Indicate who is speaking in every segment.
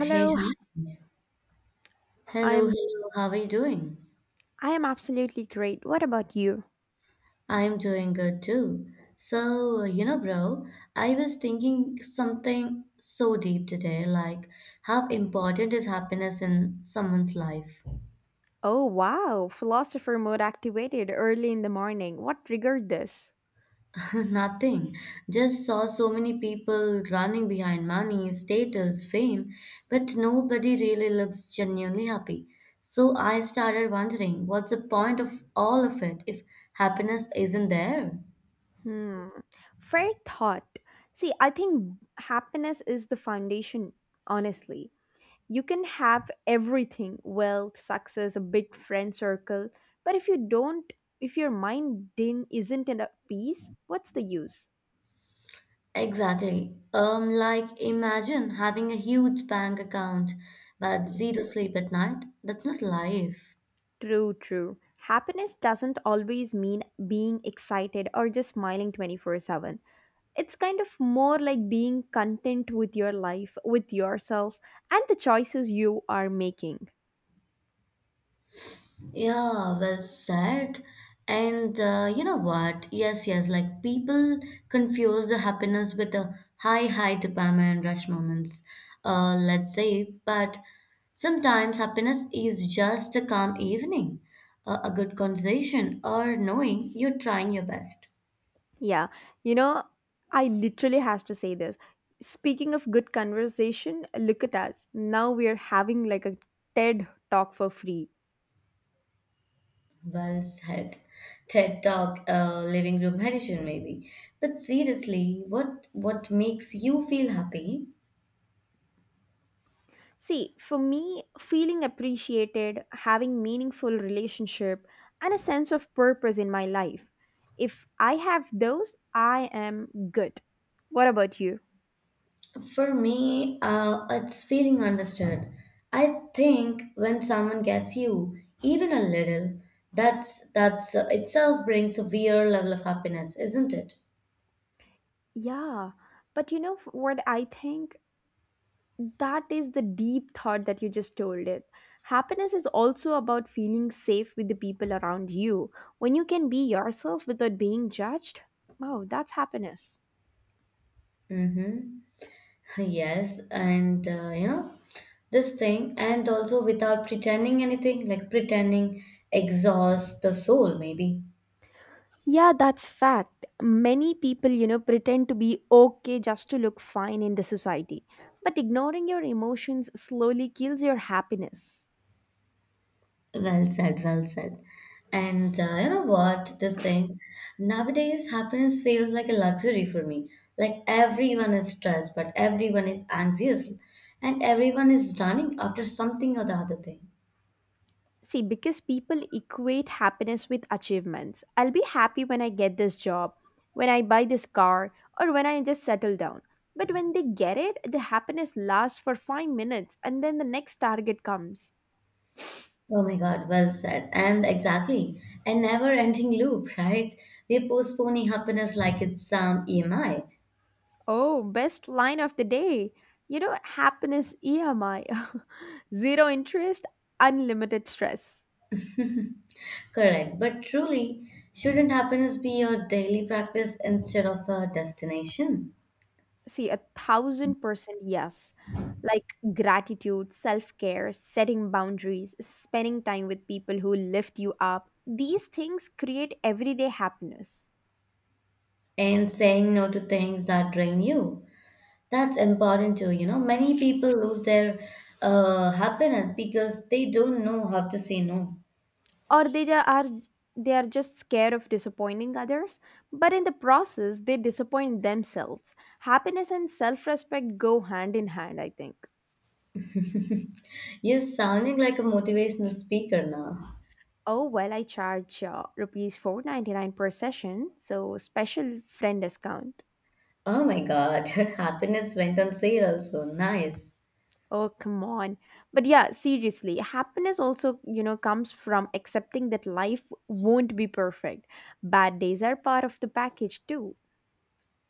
Speaker 1: Hey, hi.
Speaker 2: I
Speaker 1: Hello,
Speaker 2: am
Speaker 1: hello. How are you doing?
Speaker 2: I am absolutely great. What about you?
Speaker 1: I'm doing good too. So, you know, bro, I was thinking something so deep today, like how important is happiness in someone's life?
Speaker 2: Oh wow, philosopher mode activated early in the morning. What triggered this?
Speaker 1: Nothing. Just saw so many people running behind money, status, fame, but nobody really looks genuinely happy. So I started wondering, what's the point of all of it if happiness isn't there?
Speaker 2: Hmm. Fair thought. See, I think happiness is the foundation, honestly. You can have everything, wealth, success, a big friend circle, but if your mind din isn't in a peace, what's the use?
Speaker 1: Exactly. Like imagine having a huge bank account but zero sleep at night. That's not life.
Speaker 2: True, true. Happiness doesn't always mean being excited or just smiling 24/7. It's kind of more like being content with your life, with yourself, and the choices you are making.
Speaker 1: Yeah, well said. And you know what? Yes, yes, like people confuse the happiness with the high dopamine rush moments, let's say, but sometimes happiness is just a calm evening, a good conversation, or knowing you're trying your best.
Speaker 2: Yeah, you know, I literally has to say this. Speaking of good conversation, look at us. Now we are having like a TED talk for free.
Speaker 1: Well said. TED Talk, living room edition, maybe. But seriously, what makes you feel happy?
Speaker 2: See, for me, feeling appreciated, having meaningful relationship and a sense of purpose in my life. If I have those, I am good. What about you?
Speaker 1: For me, it's feeling understood. I think when someone gets you, even a little, that's itself brings a weird level of happiness, isn't it?
Speaker 2: Yeah, but you know what I think? That is the deep thought that you just told it. Happiness is also about feeling safe with the people around you. When you can be yourself without being judged, wow, that's happiness.
Speaker 1: Mm-hmm. Yes, and you know, this thing, and also without pretending anything, like pretending exhausts the soul, maybe.
Speaker 2: Yeah, that's fact. Many people, you know, pretend to be okay just to look fine in the society. But ignoring your emotions slowly kills your happiness.
Speaker 1: Well said, well said. And you know what? This thing nowadays, happiness feels like a luxury for me. Like everyone is stressed, but everyone is anxious, and everyone is running after something or the other thing.
Speaker 2: See, because people equate happiness with achievements. I'll be happy when I get this job, when I buy this car, or when I just settle down. But when they get it, the happiness lasts for 5 minutes and then the next target comes.
Speaker 1: Oh my God, well said. And exactly, a never-ending loop, right? We're postponing happiness like it's some EMI.
Speaker 2: Oh, best line of the day. You know, happiness EMI. Zero interest, unlimited stress.
Speaker 1: Correct. But truly, shouldn't happiness be your daily practice instead of a destination?
Speaker 2: See, 1,000% yes. Like gratitude, self care, setting boundaries, spending time with people who lift you up. These things create everyday happiness.
Speaker 1: And saying no to things that drain you. That's important too. You know, many people lose their happiness because they don't know how to say no.
Speaker 2: Or they ju- are they are just scared of disappointing others, but in the process they disappoint themselves. Happiness and self-respect go hand in hand, I think.
Speaker 1: You're sounding like a motivational speaker now.
Speaker 2: Oh, well, I charge rupees 499 per session, so special friend discount.
Speaker 1: Oh my God, happiness went on sale also. Nice.
Speaker 2: Oh, come on. But yeah, seriously, happiness also, you know, comes from accepting that life won't be perfect. Bad days are part of the package too.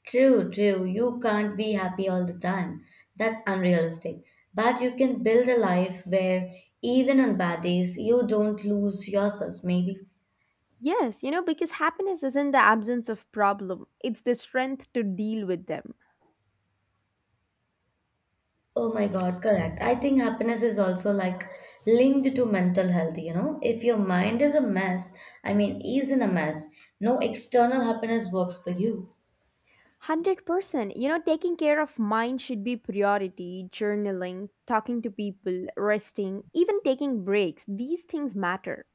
Speaker 1: True, true. You can't be happy all the time. That's unrealistic. But you can build a life where even on bad days, you don't lose yourself, maybe.
Speaker 2: Yes, you know, because happiness isn't the absence of problem, it's the strength to deal with them.
Speaker 1: Oh my God, correct. I think happiness is also like linked to mental health, you know. If your mind is a mess, I mean, Is in a mess, no external happiness works for you.
Speaker 2: 100%. You know, taking care of mind should be priority. Journaling, talking to people, resting, even taking breaks. These things matter.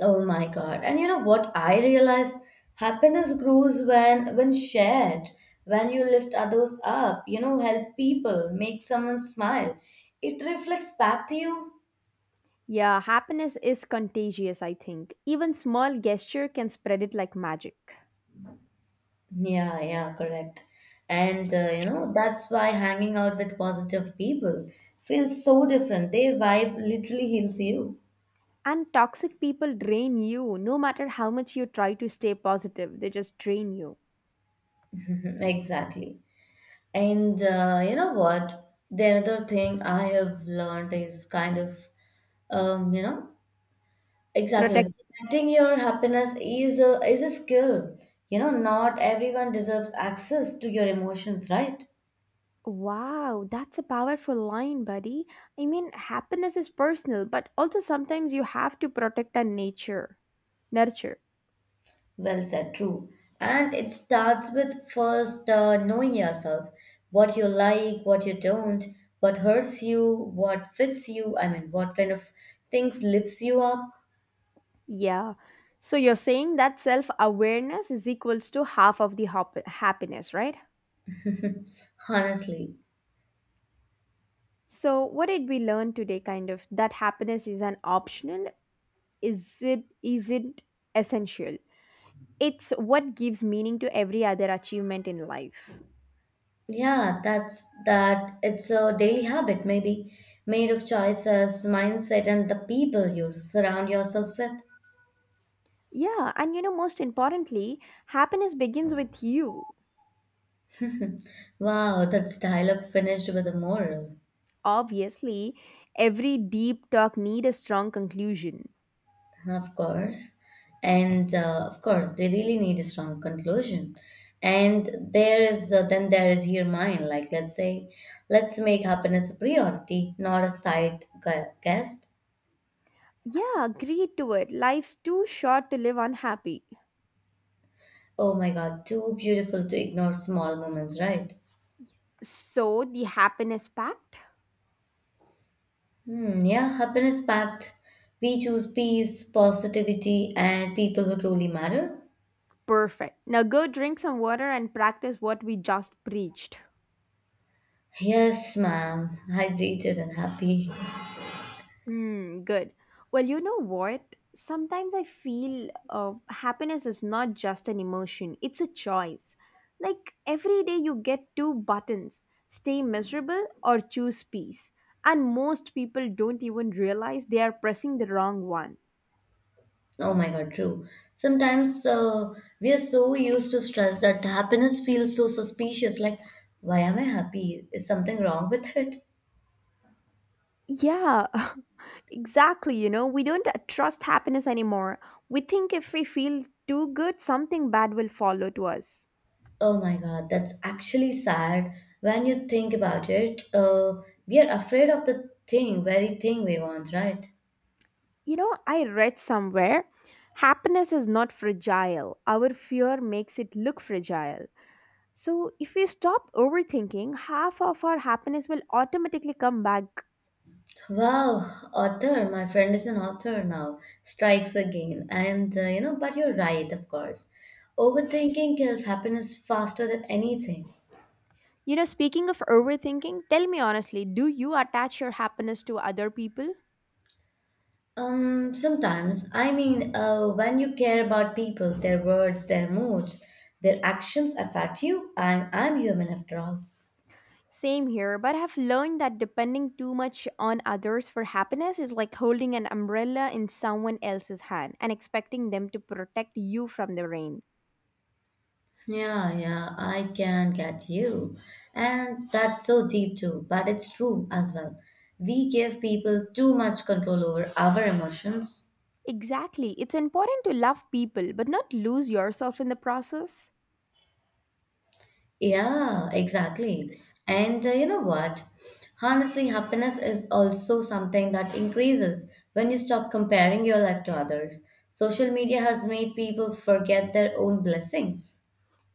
Speaker 1: Oh my God. And you know what I realized? Happiness grows when shared, when you lift others up, you know, help people, make someone smile. It reflects back to you.
Speaker 2: Yeah, happiness is contagious, I think. Even small gesture can spread it like magic.
Speaker 1: Yeah, yeah, correct. And you know, that's why hanging out with positive people feels so different. Their vibe literally heals you.
Speaker 2: And toxic people drain you no matter how much you try to stay positive. They just drain you.
Speaker 1: Exactly. And you know what? The another thing I have learned is kind of, you know, exactly like
Speaker 2: Protect.
Speaker 1: protecting your happiness is a skill. You know, not everyone deserves access to your emotions, right?
Speaker 2: Wow, that's a powerful line, buddy. I mean, happiness is personal, but also sometimes you have to protect and nature, nurture.
Speaker 1: Well said, true. And it starts with first knowing yourself, what you like, what you don't, what hurts you, what fits you, I mean, what kind of things lifts you up,
Speaker 2: Yeah. So you're saying that self-awareness is equals to half of the happiness, right?
Speaker 1: honestly.
Speaker 2: So, what did we learn today kind of that happiness is an optional is it isn't essential. It's what gives meaning to every other achievement in life.
Speaker 1: Yeah, that's that. It's a daily habit, maybe, made of choices, mindset, and the people you surround yourself with.
Speaker 2: Yeah, and you know most importantly, happiness begins with you.
Speaker 1: Wow, that's dialogue finished with a moral.
Speaker 2: Obviously, every deep talk need a strong conclusion.
Speaker 1: Of course. And of course, they really need a strong conclusion. And there is then there is here mine. Like let's say, let's make happiness a priority, not a guest.
Speaker 2: Yeah, agree to it. Life's too short to live unhappy.
Speaker 1: Oh my God, too beautiful to ignore small moments, right?
Speaker 2: So, the happiness pact.
Speaker 1: Hmm, yeah, happiness pact. We choose peace, positivity, and people who truly matter.
Speaker 2: Perfect. Now go drink some water and practice what we just preached.
Speaker 1: Yes, ma'am. Hydrated and happy.
Speaker 2: Hmm, good. Well, you know what? Sometimes I feel happiness is not just an emotion, it's a choice. Like every day, you get two buttons, stay miserable or choose peace. And most people don't even realize they are pressing the wrong one.
Speaker 1: Oh my God, true. Sometimes we are so used to stress that happiness feels so suspicious. Like, why am I happy? Is something wrong with it?
Speaker 2: Yeah, exactly. You know, we don't trust happiness anymore. We think if we feel too good, something bad will follow to us.
Speaker 1: Oh my God, that's actually sad. When you think about it, we are afraid of very thing we want, right?
Speaker 2: You know, I read somewhere happiness is not fragile. Our fear makes it look fragile. So, if we stop overthinking, half of our happiness will automatically come back.
Speaker 1: Wow, author, my friend is an author now. Strikes again. And, you know, but you're right, of course. Overthinking kills happiness faster than anything.
Speaker 2: You know, speaking of overthinking, tell me honestly, do you attach your happiness to other people?
Speaker 1: Sometimes, I mean, when you care about people, their words, their moods, their actions affect you. I'm human after all.
Speaker 2: Same here, but I've learned that depending too much on others for happiness is like holding an umbrella in someone else's hand and expecting them to protect you from the rain.
Speaker 1: Yeah, yeah, I can get you. And that's so deep too, but it's true as well. We give people too much control over our emotions.
Speaker 2: Exactly. It's important to love people but not lose yourself in the process.
Speaker 1: Yeah, exactly. And you know what? Honestly, happiness is also something that increases when you stop comparing your life to others. Social media has made people forget their own blessings.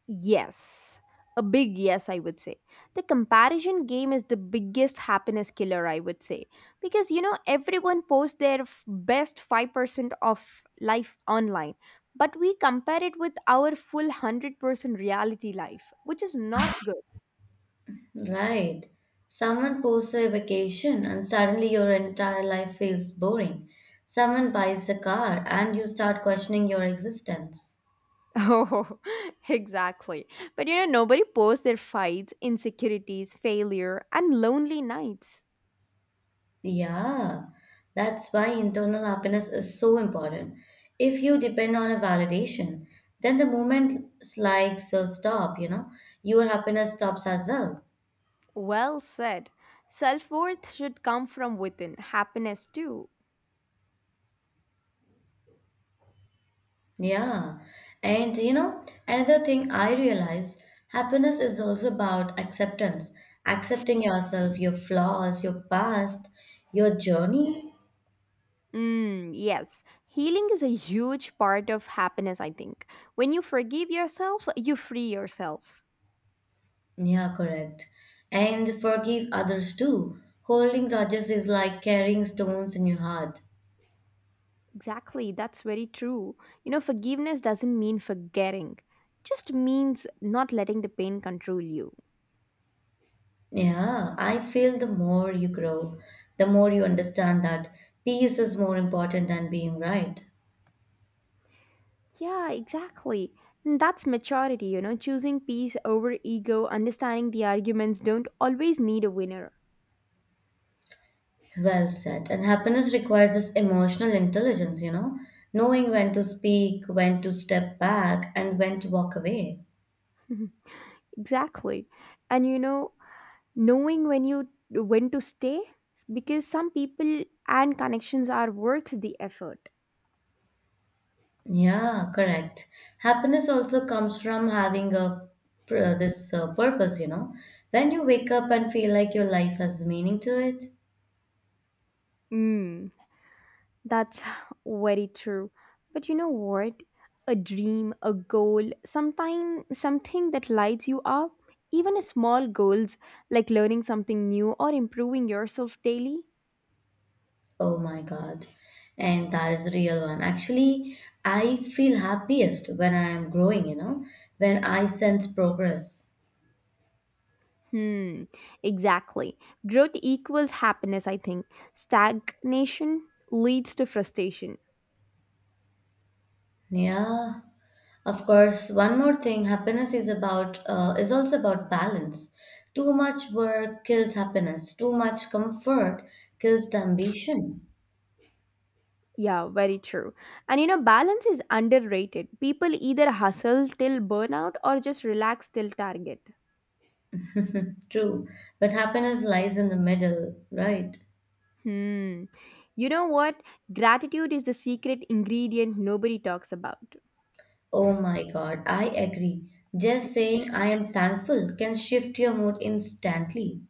Speaker 2: Yes. A big yes, I would say. The comparison game is the biggest happiness killer, I would say. Because, you know, everyone posts their best 5% of life online, but we compare it with our full 100% reality life, which is not good.
Speaker 1: Right. Someone posts a vacation and suddenly your entire life feels boring. Someone buys a car and you start questioning your existence.
Speaker 2: Oh, exactly. But, you know, nobody posts their fights, insecurities, failure, and lonely nights.
Speaker 1: Yeah, that's why internal happiness is so important. If you depend on a validation, then the moment likes will stop, you know, your happiness stops as well.
Speaker 2: Well said. Self worth should come from within, happiness too.
Speaker 1: Yeah. And you know, another thing I realized, happiness is also about acceptance, accepting yourself, your flaws, your past, your journey.
Speaker 2: Mm, yes, healing is a huge part of happiness, I think. When you forgive yourself, you free yourself.
Speaker 1: Yeah, correct. And forgive others too. Holding grudges is like carrying stones in your heart.
Speaker 2: Exactly, that's very true. You know, forgiveness doesn't mean forgetting, just means not letting the pain control you.
Speaker 1: Yeah, I feel the more you grow, the more you understand that peace is more important than being right.
Speaker 2: Yeah, exactly. And that's maturity, you know, choosing peace over ego, understanding the arguments don't always need a winner.
Speaker 1: Well said. And happiness requires this emotional intelligence, you know, knowing when to speak, when to step back, and when to walk away.
Speaker 2: exactly. And you know, knowing when to stay because some people and connections are worth the effort.
Speaker 1: Yeah, correct. Happiness also comes from having a this purpose, you know. When you wake up and feel like your life has meaning to it.
Speaker 2: Mm, that's very true, but you know what, a dream, a goal, sometime something that lights you up, even a small goals, like learning something new or improving yourself daily.
Speaker 1: Oh my God. And that is a real one. Actually, I feel happiest when I am growing, you know, when I sense progress.
Speaker 2: Hmm, exactly. Growth equals happiness, I think. Stagnation leads to frustration.
Speaker 1: Yeah. Of course, one more thing, happiness is also about balance. Too much work kills happiness. Too much comfort kills the ambition.
Speaker 2: Yeah, very true. And you know, balance is underrated. People either hustle till burnout or just relax till target.
Speaker 1: True. But happiness lies in the middle, right?
Speaker 2: Hmm. You know what? Gratitude is the secret ingredient nobody talks about.
Speaker 1: Oh my God, I agree. Just saying I am thankful can shift your mood instantly.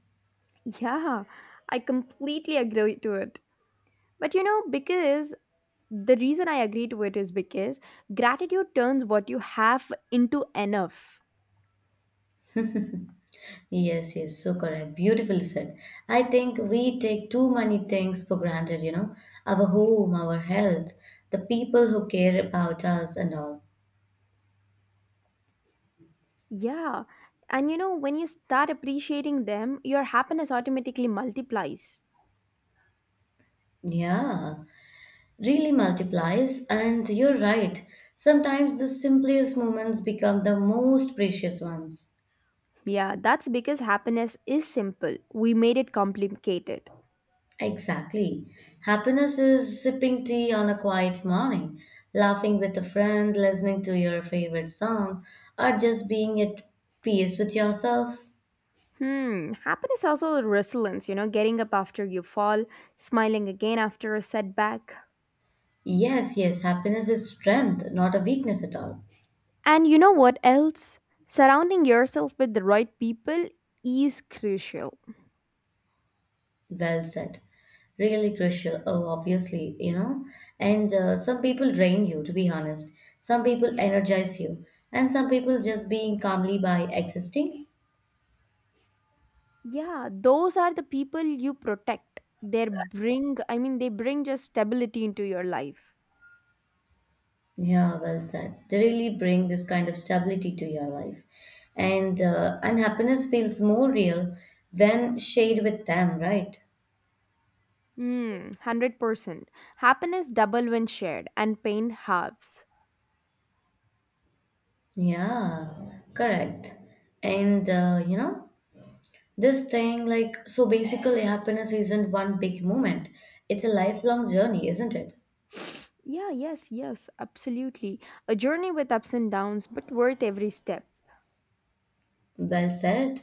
Speaker 2: Yeah, I completely agree to it. But you know, because the reason I agree to it is because gratitude turns what you have into enough.
Speaker 1: Yes, yes, so correct. Beautiful said. I think we take too many things for granted, you know, our home, our health, the people who care about us and all.
Speaker 2: Yeah. And you know, when you start appreciating them, your happiness automatically multiplies.
Speaker 1: Yeah, really multiplies, and you're right. Sometimes the simplest moments become the most precious ones.
Speaker 2: Yeah, that's because happiness is simple. We made it complicated.
Speaker 1: Exactly. Happiness is sipping tea on a quiet morning, laughing with a friend, listening to your favorite song, or just being at peace with yourself.
Speaker 2: Hmm, happiness also resilience, you know, getting up after you fall, smiling again after a setback.
Speaker 1: Yes, yes, happiness is strength, not a weakness at all.
Speaker 2: And you know what else? Surrounding yourself with the right people is crucial.
Speaker 1: Well said. Really crucial. Oh, obviously, you know. And some people drain you, to be honest. Some people energize you. And some people just being calmly by existing.
Speaker 2: Yeah, those are the people you protect. They bring, I mean, they bring just stability into your life.
Speaker 1: Yeah, well said. They really bring this kind of stability to your life. And unhappiness feels more real when shared with them, right?
Speaker 2: Hmm. 100%. Happiness double when shared and pain halves.
Speaker 1: Yeah, correct. And you know, this thing, like, so basically, happiness isn't one big moment. It's a lifelong journey, isn't it?
Speaker 2: Yeah, yes, absolutely. A journey with ups and downs, but worth every step.
Speaker 1: Well said.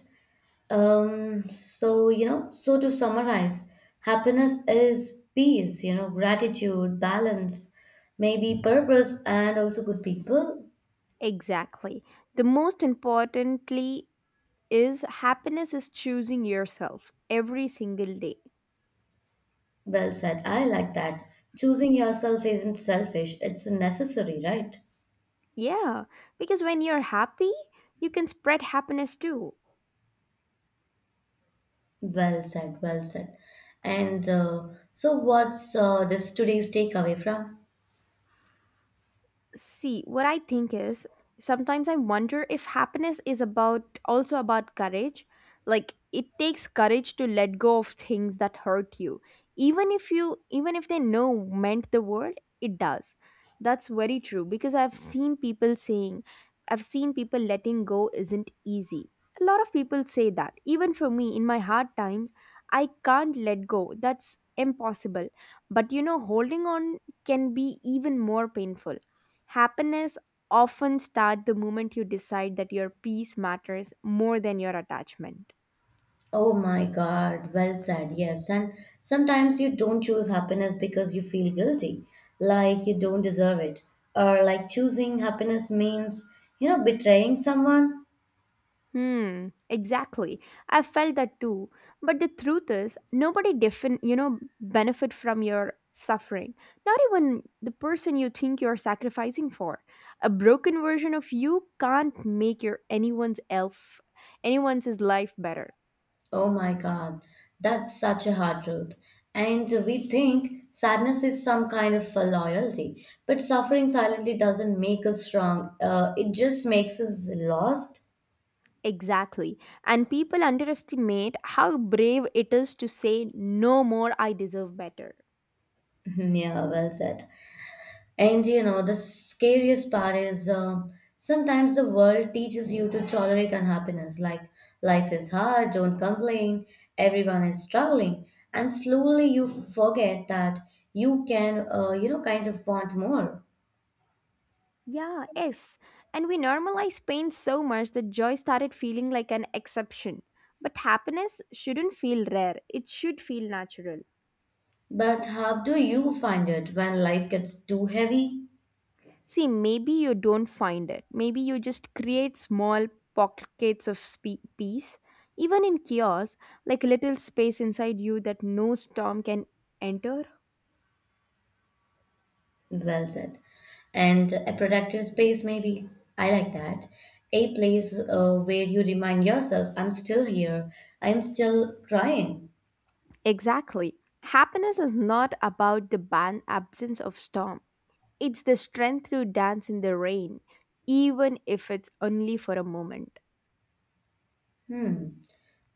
Speaker 1: So, you know, so to summarize, happiness is peace, you know, gratitude, balance, maybe purpose, and also good people.
Speaker 2: Exactly. The most importantly is happiness is choosing yourself every single day.
Speaker 1: Well said. I like that. Choosing yourself isn't selfish, it's necessary, right?
Speaker 2: Yeah, because when you're happy, you can spread happiness too.
Speaker 1: Well said, well said. And so, what's this today's takeaway from?
Speaker 2: See, what I think is sometimes I wonder if happiness is about also about courage. Like it takes courage to let go of things that hurt you. Even if they know meant the world, it does. That's very true because I've seen people letting go isn't easy. A lot of people say that. Even for me in my hard times, I can't let go. That's impossible. But you know, holding on can be even more painful. Happiness often starts the moment you decide that your peace matters more than your attachment.
Speaker 1: Oh my God, well said, yes. And sometimes you don't choose happiness because you feel guilty, like you don't deserve it, or like choosing happiness means, you know, betraying someone.
Speaker 2: Hmm, exactly. I felt that too. But the truth is, nobody different, you know, benefit from your suffering. Not even the person you think you're sacrificing for. A broken version of you can't make your anyone's elf, anyone's life better.
Speaker 1: Oh my God, that's such a hard truth. And we think sadness is some kind of a loyalty, but suffering silently doesn't make us strong, it just makes us lost.
Speaker 2: Exactly. And people underestimate how brave it is to say, no more, I deserve better.
Speaker 1: Yeah, well said. And you know, the scariest part is sometimes the world teaches you to tolerate unhappiness, like life is hard, don't complain, everyone is struggling. And slowly you forget that you can, you know, kind of want more.
Speaker 2: Yeah, yes. And we normalize pain so much that joy started feeling like an exception. But happiness shouldn't feel rare, it should feel natural.
Speaker 1: But how do you find it when life gets too heavy?
Speaker 2: See, maybe you don't find it. Maybe you just create small pockets of peace, even in chaos, like a little space inside you that no storm can enter.
Speaker 1: Well said. And a productive space, maybe. I like that. A place where you remind yourself, I'm still here, I'm still trying.
Speaker 2: Exactly. Happiness is not about the absence of storm. It's the strength to dance in the rain, even if it's only for a moment.
Speaker 1: Hmm.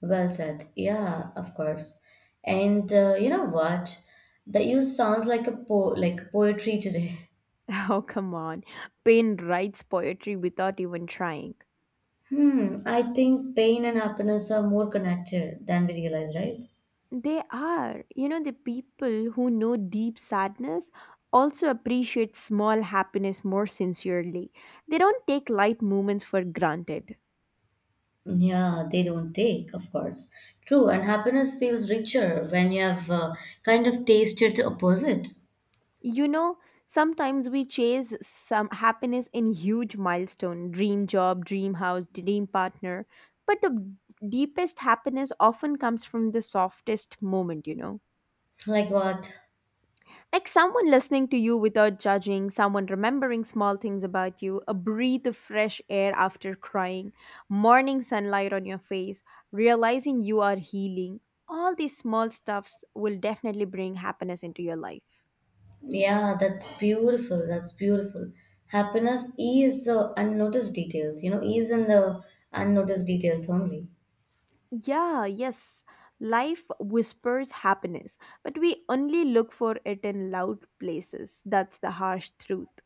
Speaker 1: Well said. Yeah, of course. And you know what? That you sounds like a po like poetry today.
Speaker 2: Oh, come on. Pain writes poetry without even trying.
Speaker 1: Hmm. I think pain and happiness are more connected than we realize, right?
Speaker 2: They are. You know, the people who know deep sadness also appreciate small happiness more sincerely. They don't take light moments for granted.
Speaker 1: Yeah, they don't take, of course. True, and happiness feels richer when you have kind of tasted the opposite.
Speaker 2: You know, sometimes we chase some happiness in huge milestone, dream job, dream house, dream partner, but the deepest happiness often comes from the softest moment, you know,
Speaker 1: Like what?
Speaker 2: like someone listening to you without judging, someone remembering small things about you, a breath of fresh air after crying, morning sunlight on your face, realizing you are healing. All these small stuffs will definitely bring happiness into your life.
Speaker 1: Yeah, that's beautiful. That's beautiful. Happiness is the unnoticed details, you know, is in the unnoticed details only.
Speaker 2: Yeah, yes. Life whispers happiness, but we only look for it in loud places. That's the harsh truth.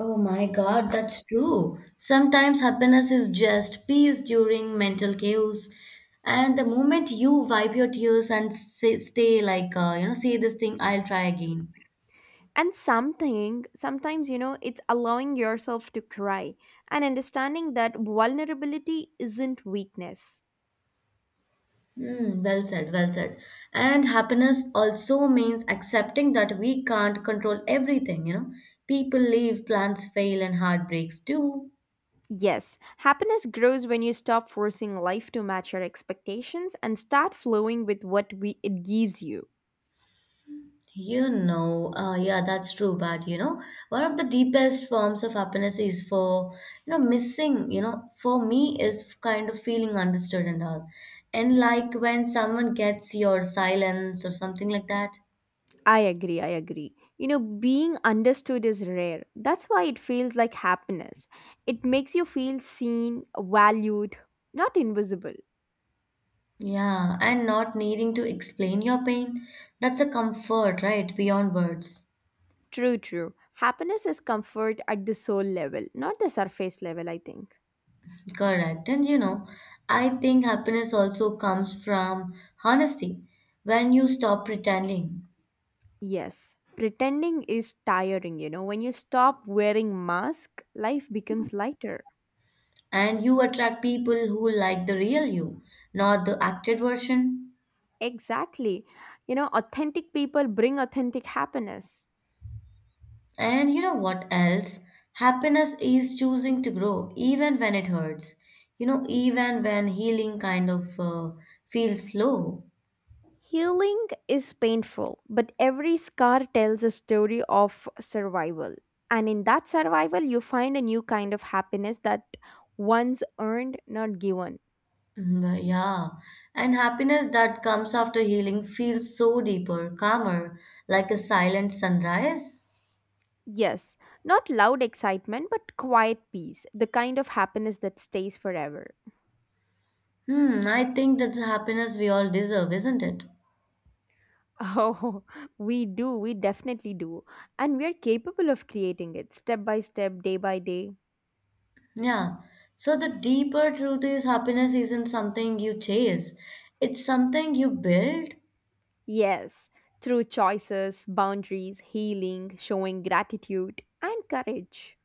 Speaker 1: Oh my God, that's true. Sometimes happiness is just peace during mental chaos. And the moment you wipe your tears and say, stay like, you know, say this thing, I'll try again.
Speaker 2: And sometimes, you know, it's allowing yourself to cry and understanding that vulnerability isn't weakness.
Speaker 1: Hmm, well said, well said. And happiness also means accepting that we can't control everything, you know. People leave, plans fail, and heartbreaks too.
Speaker 2: Yes, happiness grows when you stop forcing life to match your expectations and start flowing with what it gives you.
Speaker 1: You know, yeah, that's true. But you know, one of the deepest forms of happiness is for, you know, missing, you know, for me is kind of feeling understood and all. And like when someone gets your silence or something like that.
Speaker 2: I agree. You know, being understood is rare. That's why it feels like happiness. It makes you feel seen, valued, not invisible.
Speaker 1: Yeah, and not needing to explain your pain. That's a comfort, right? Beyond words.
Speaker 2: True, true. Happiness is comfort at the soul level, not the surface level, I think.
Speaker 1: Correct. And you know, I think happiness also comes from honesty when you stop pretending.
Speaker 2: Yes. Pretending is tiring, you know. When you stop wearing mask, life becomes lighter.
Speaker 1: And you attract people who like the real you, not the acted version.
Speaker 2: Exactly. You know, authentic people bring authentic happiness.
Speaker 1: And you know what else? Happiness is choosing to grow even when it hurts. You know, even when healing feels slow.
Speaker 2: Healing is painful, but every scar tells a story of survival. And in that survival, you find a new kind of happiness that once earned, not given.
Speaker 1: Mm, yeah. And happiness that comes after healing feels so deeper, calmer, like a silent sunrise.
Speaker 2: Yes, not loud excitement, but quiet peace, the kind of happiness that stays forever.
Speaker 1: Hmm, I think that's the happiness we all deserve, isn't it?
Speaker 2: Oh, we do, we definitely do. And we're capable of creating it step by step, day by day.
Speaker 1: Yeah. So the deeper truth is happiness isn't something you chase. It's something you build.
Speaker 2: Yes, through choices, boundaries, healing, showing gratitude, and courage.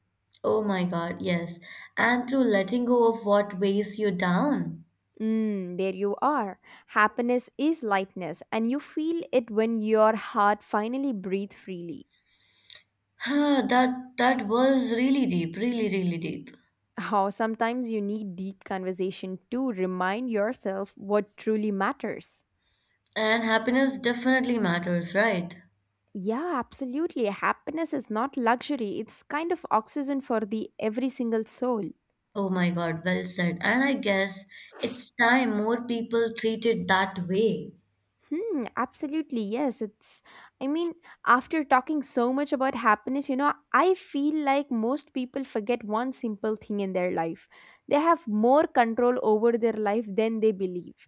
Speaker 1: Oh my God, yes. And through letting go of what weighs you down.
Speaker 2: Mm, there you are. Happiness is lightness, and you feel it when your heart finally breathes freely.
Speaker 1: Huh, that was really deep, really, really deep.
Speaker 2: How sometimes you need deep conversation to remind yourself what truly matters.
Speaker 1: And happiness definitely matters, right?
Speaker 2: Yeah, absolutely. Happiness is not luxury, it's kind of oxygen for the every single soul.
Speaker 1: Oh my God, well said. And I guess it's time more people treat it that way.
Speaker 2: Hmm, absolutely. Yes, it's I mean, after talking so much about happiness, you know, I feel like most people forget one simple thing in their life. They have more control over their life than they believe.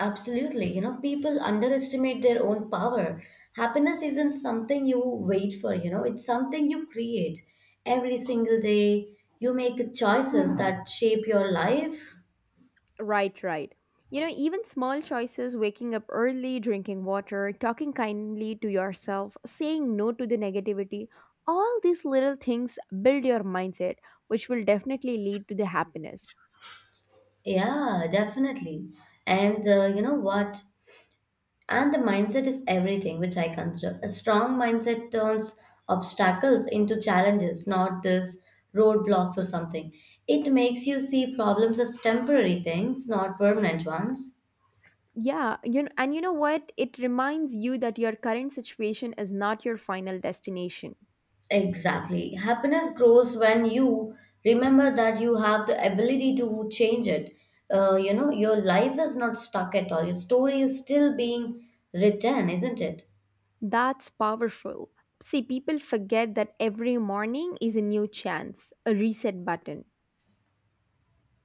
Speaker 1: Absolutely. You know, people underestimate their own power. Happiness isn't something you wait for, you know, it's something you create every single day. You make choices that shape your life.
Speaker 2: Right, right. You know, even small choices, waking up early, drinking water, talking kindly to yourself, saying no to the negativity, all these little things build your mindset, which will definitely lead to the happiness.
Speaker 1: Yeah, definitely. And You know what? And the mindset is everything, which I consider. A strong mindset turns obstacles into challenges, not this roadblocks or something. It makes you see problems as temporary things, not permanent ones.
Speaker 2: Yeah, you know, and you know what? It reminds you that your current situation is not your final destination.
Speaker 1: Exactly. Happiness grows when you remember that you have the ability to change it. You know, your life is not stuck at all. Your story is still being written, isn't it?
Speaker 2: That's powerful. See, people forget that every morning is a new chance, a reset button.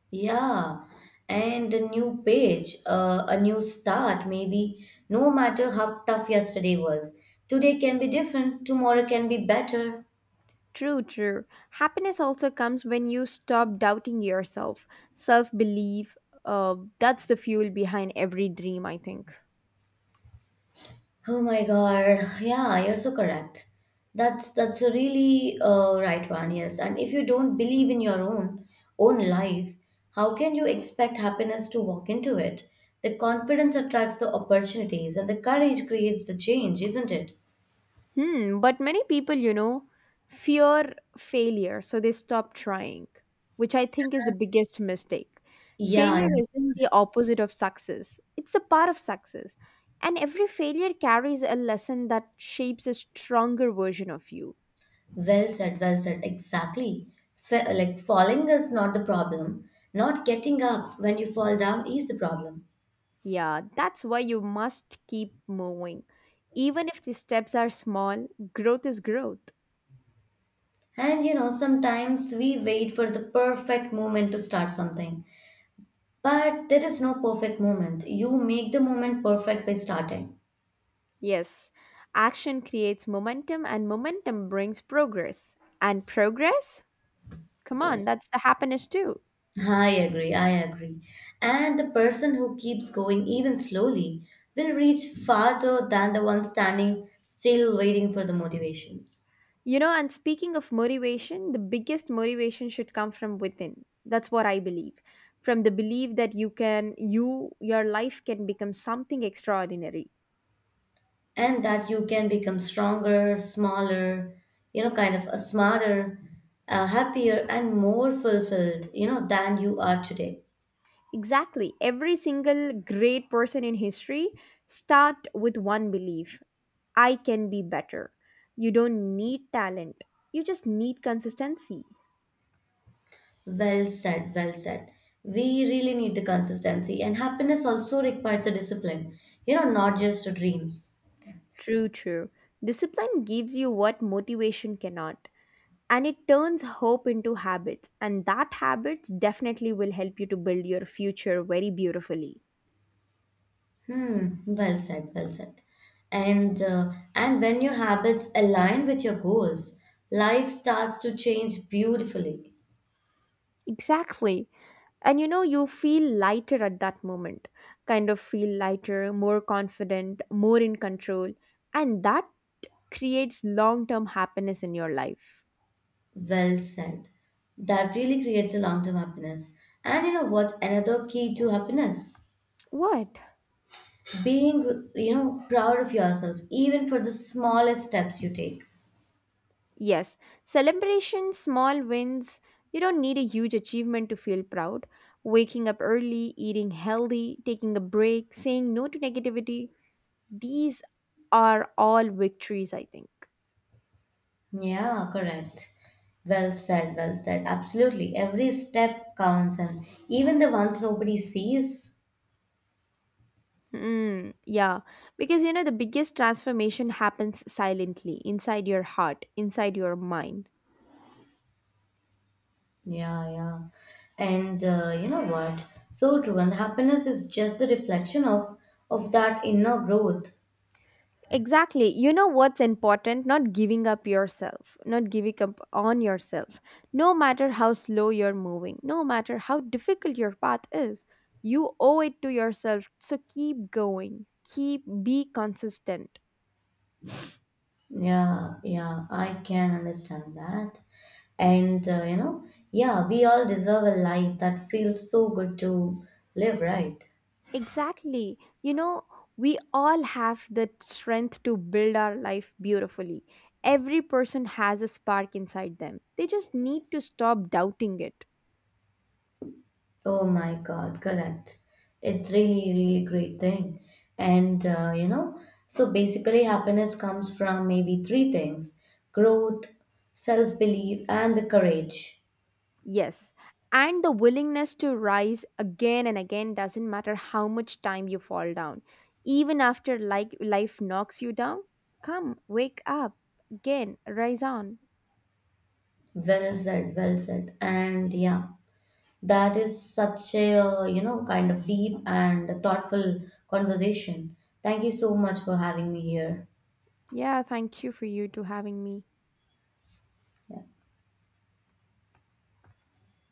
Speaker 1: Yeah. And a new page, a new start, maybe. No matter how tough yesterday was, today can be different, tomorrow can be better.
Speaker 2: True, true. Happiness also comes when you stop doubting yourself. Self belief, that's the fuel behind every dream, I think.
Speaker 1: Oh my God. Yeah, you're so correct. That's a really right one, yes. And if you don't believe in your own life, how can you expect happiness to walk into it? The confidence attracts the opportunities and the courage creates the change, isn't it?
Speaker 2: Hmm, but many people, you know, fear failure, so they stop trying, which I think is the biggest mistake.
Speaker 1: Yeah,
Speaker 2: Failure
Speaker 1: yes.
Speaker 2: isn't the opposite of success, it's a part of success. And every failure carries a lesson that shapes a stronger version of you.
Speaker 1: Well said, well said. Exactly. Like falling is not the problem. Not getting up when you fall down is the problem.
Speaker 2: Yeah, that's why you must keep moving. Even if the steps are small, growth is growth.
Speaker 1: And you know, sometimes we wait for the perfect moment to start something. But there is no perfect moment. You make the moment perfect by starting.
Speaker 2: Yes, action creates momentum, and momentum brings progress. And progress? Come on, that's the happiness too.
Speaker 1: I agree, I agree. And the person who keeps going even slowly will reach farther than the one standing still waiting for the motivation.
Speaker 2: You know, and speaking of motivation, the biggest motivation should come from within. That's what I believe. From the belief that you can, you, your life can become something extraordinary.
Speaker 1: And that you can become stronger, smaller, you know, kind of a smarter, happier, and more fulfilled, you know, than you are today.
Speaker 2: Exactly. Every single great person in history start with one belief I can be better. You don't need talent, you just need consistency.
Speaker 1: Well said, well said. We really need the consistency, and happiness also requires a discipline, you know, not just dreams.
Speaker 2: True, true. Discipline gives you what motivation cannot, and it turns hope into habits, and that habits definitely will help you to build your future very beautifully.
Speaker 1: Hmm, well said, well said. And when your habits align with your goals, life starts to change beautifully.
Speaker 2: Exactly. And you know, you feel lighter at that moment, kind of feel lighter, more confident, more in control. And that creates long term happiness in your life.
Speaker 1: Well said. That really creates a long-term happiness. And you know what's another key to happiness?
Speaker 2: What?
Speaker 1: Being, you know, proud of yourself, even for the smallest steps you take.
Speaker 2: Yes, celebration, small wins. You don't need a huge achievement to feel proud. Waking up early, eating healthy, taking a break, saying no to negativity. These are all victories, I think.
Speaker 1: Yeah, correct. Well said, well said. Absolutely. Every step counts, and even the ones nobody sees.
Speaker 2: Hmm, yeah, because you know, the biggest transformation happens silently inside your heart, inside your mind.
Speaker 1: Yeah, yeah. And You know what? So true. And happiness is just the reflection of that inner growth.
Speaker 2: Exactly. You know what's important? Not giving up yourself, not giving up on yourself. No matter how slow you're moving, no matter how difficult your path is, you owe it to yourself. So keep going, keep be consistent.
Speaker 1: Yeah, yeah. I can understand that. And You know, yeah, we all deserve a life that feels so good to live, right?
Speaker 2: Exactly. You know, we all have the strength to build our life beautifully. Every person has a spark inside them. They just need to stop doubting it.
Speaker 1: Oh my God, correct. It's really, really great thing. And You know, so basically happiness comes from maybe three things: growth, self-belief, and the courage.
Speaker 2: Yes. And the willingness to rise again and again doesn't matter how much time you fall down. Even after like life knocks you down, come, wake up again, rise on.
Speaker 1: Well said, well said. And yeah, that is such a, you know, kind of deep and thoughtful conversation. Thank you so much for having me here.
Speaker 2: Yeah, thank you for you to having me.
Speaker 1: Yeah.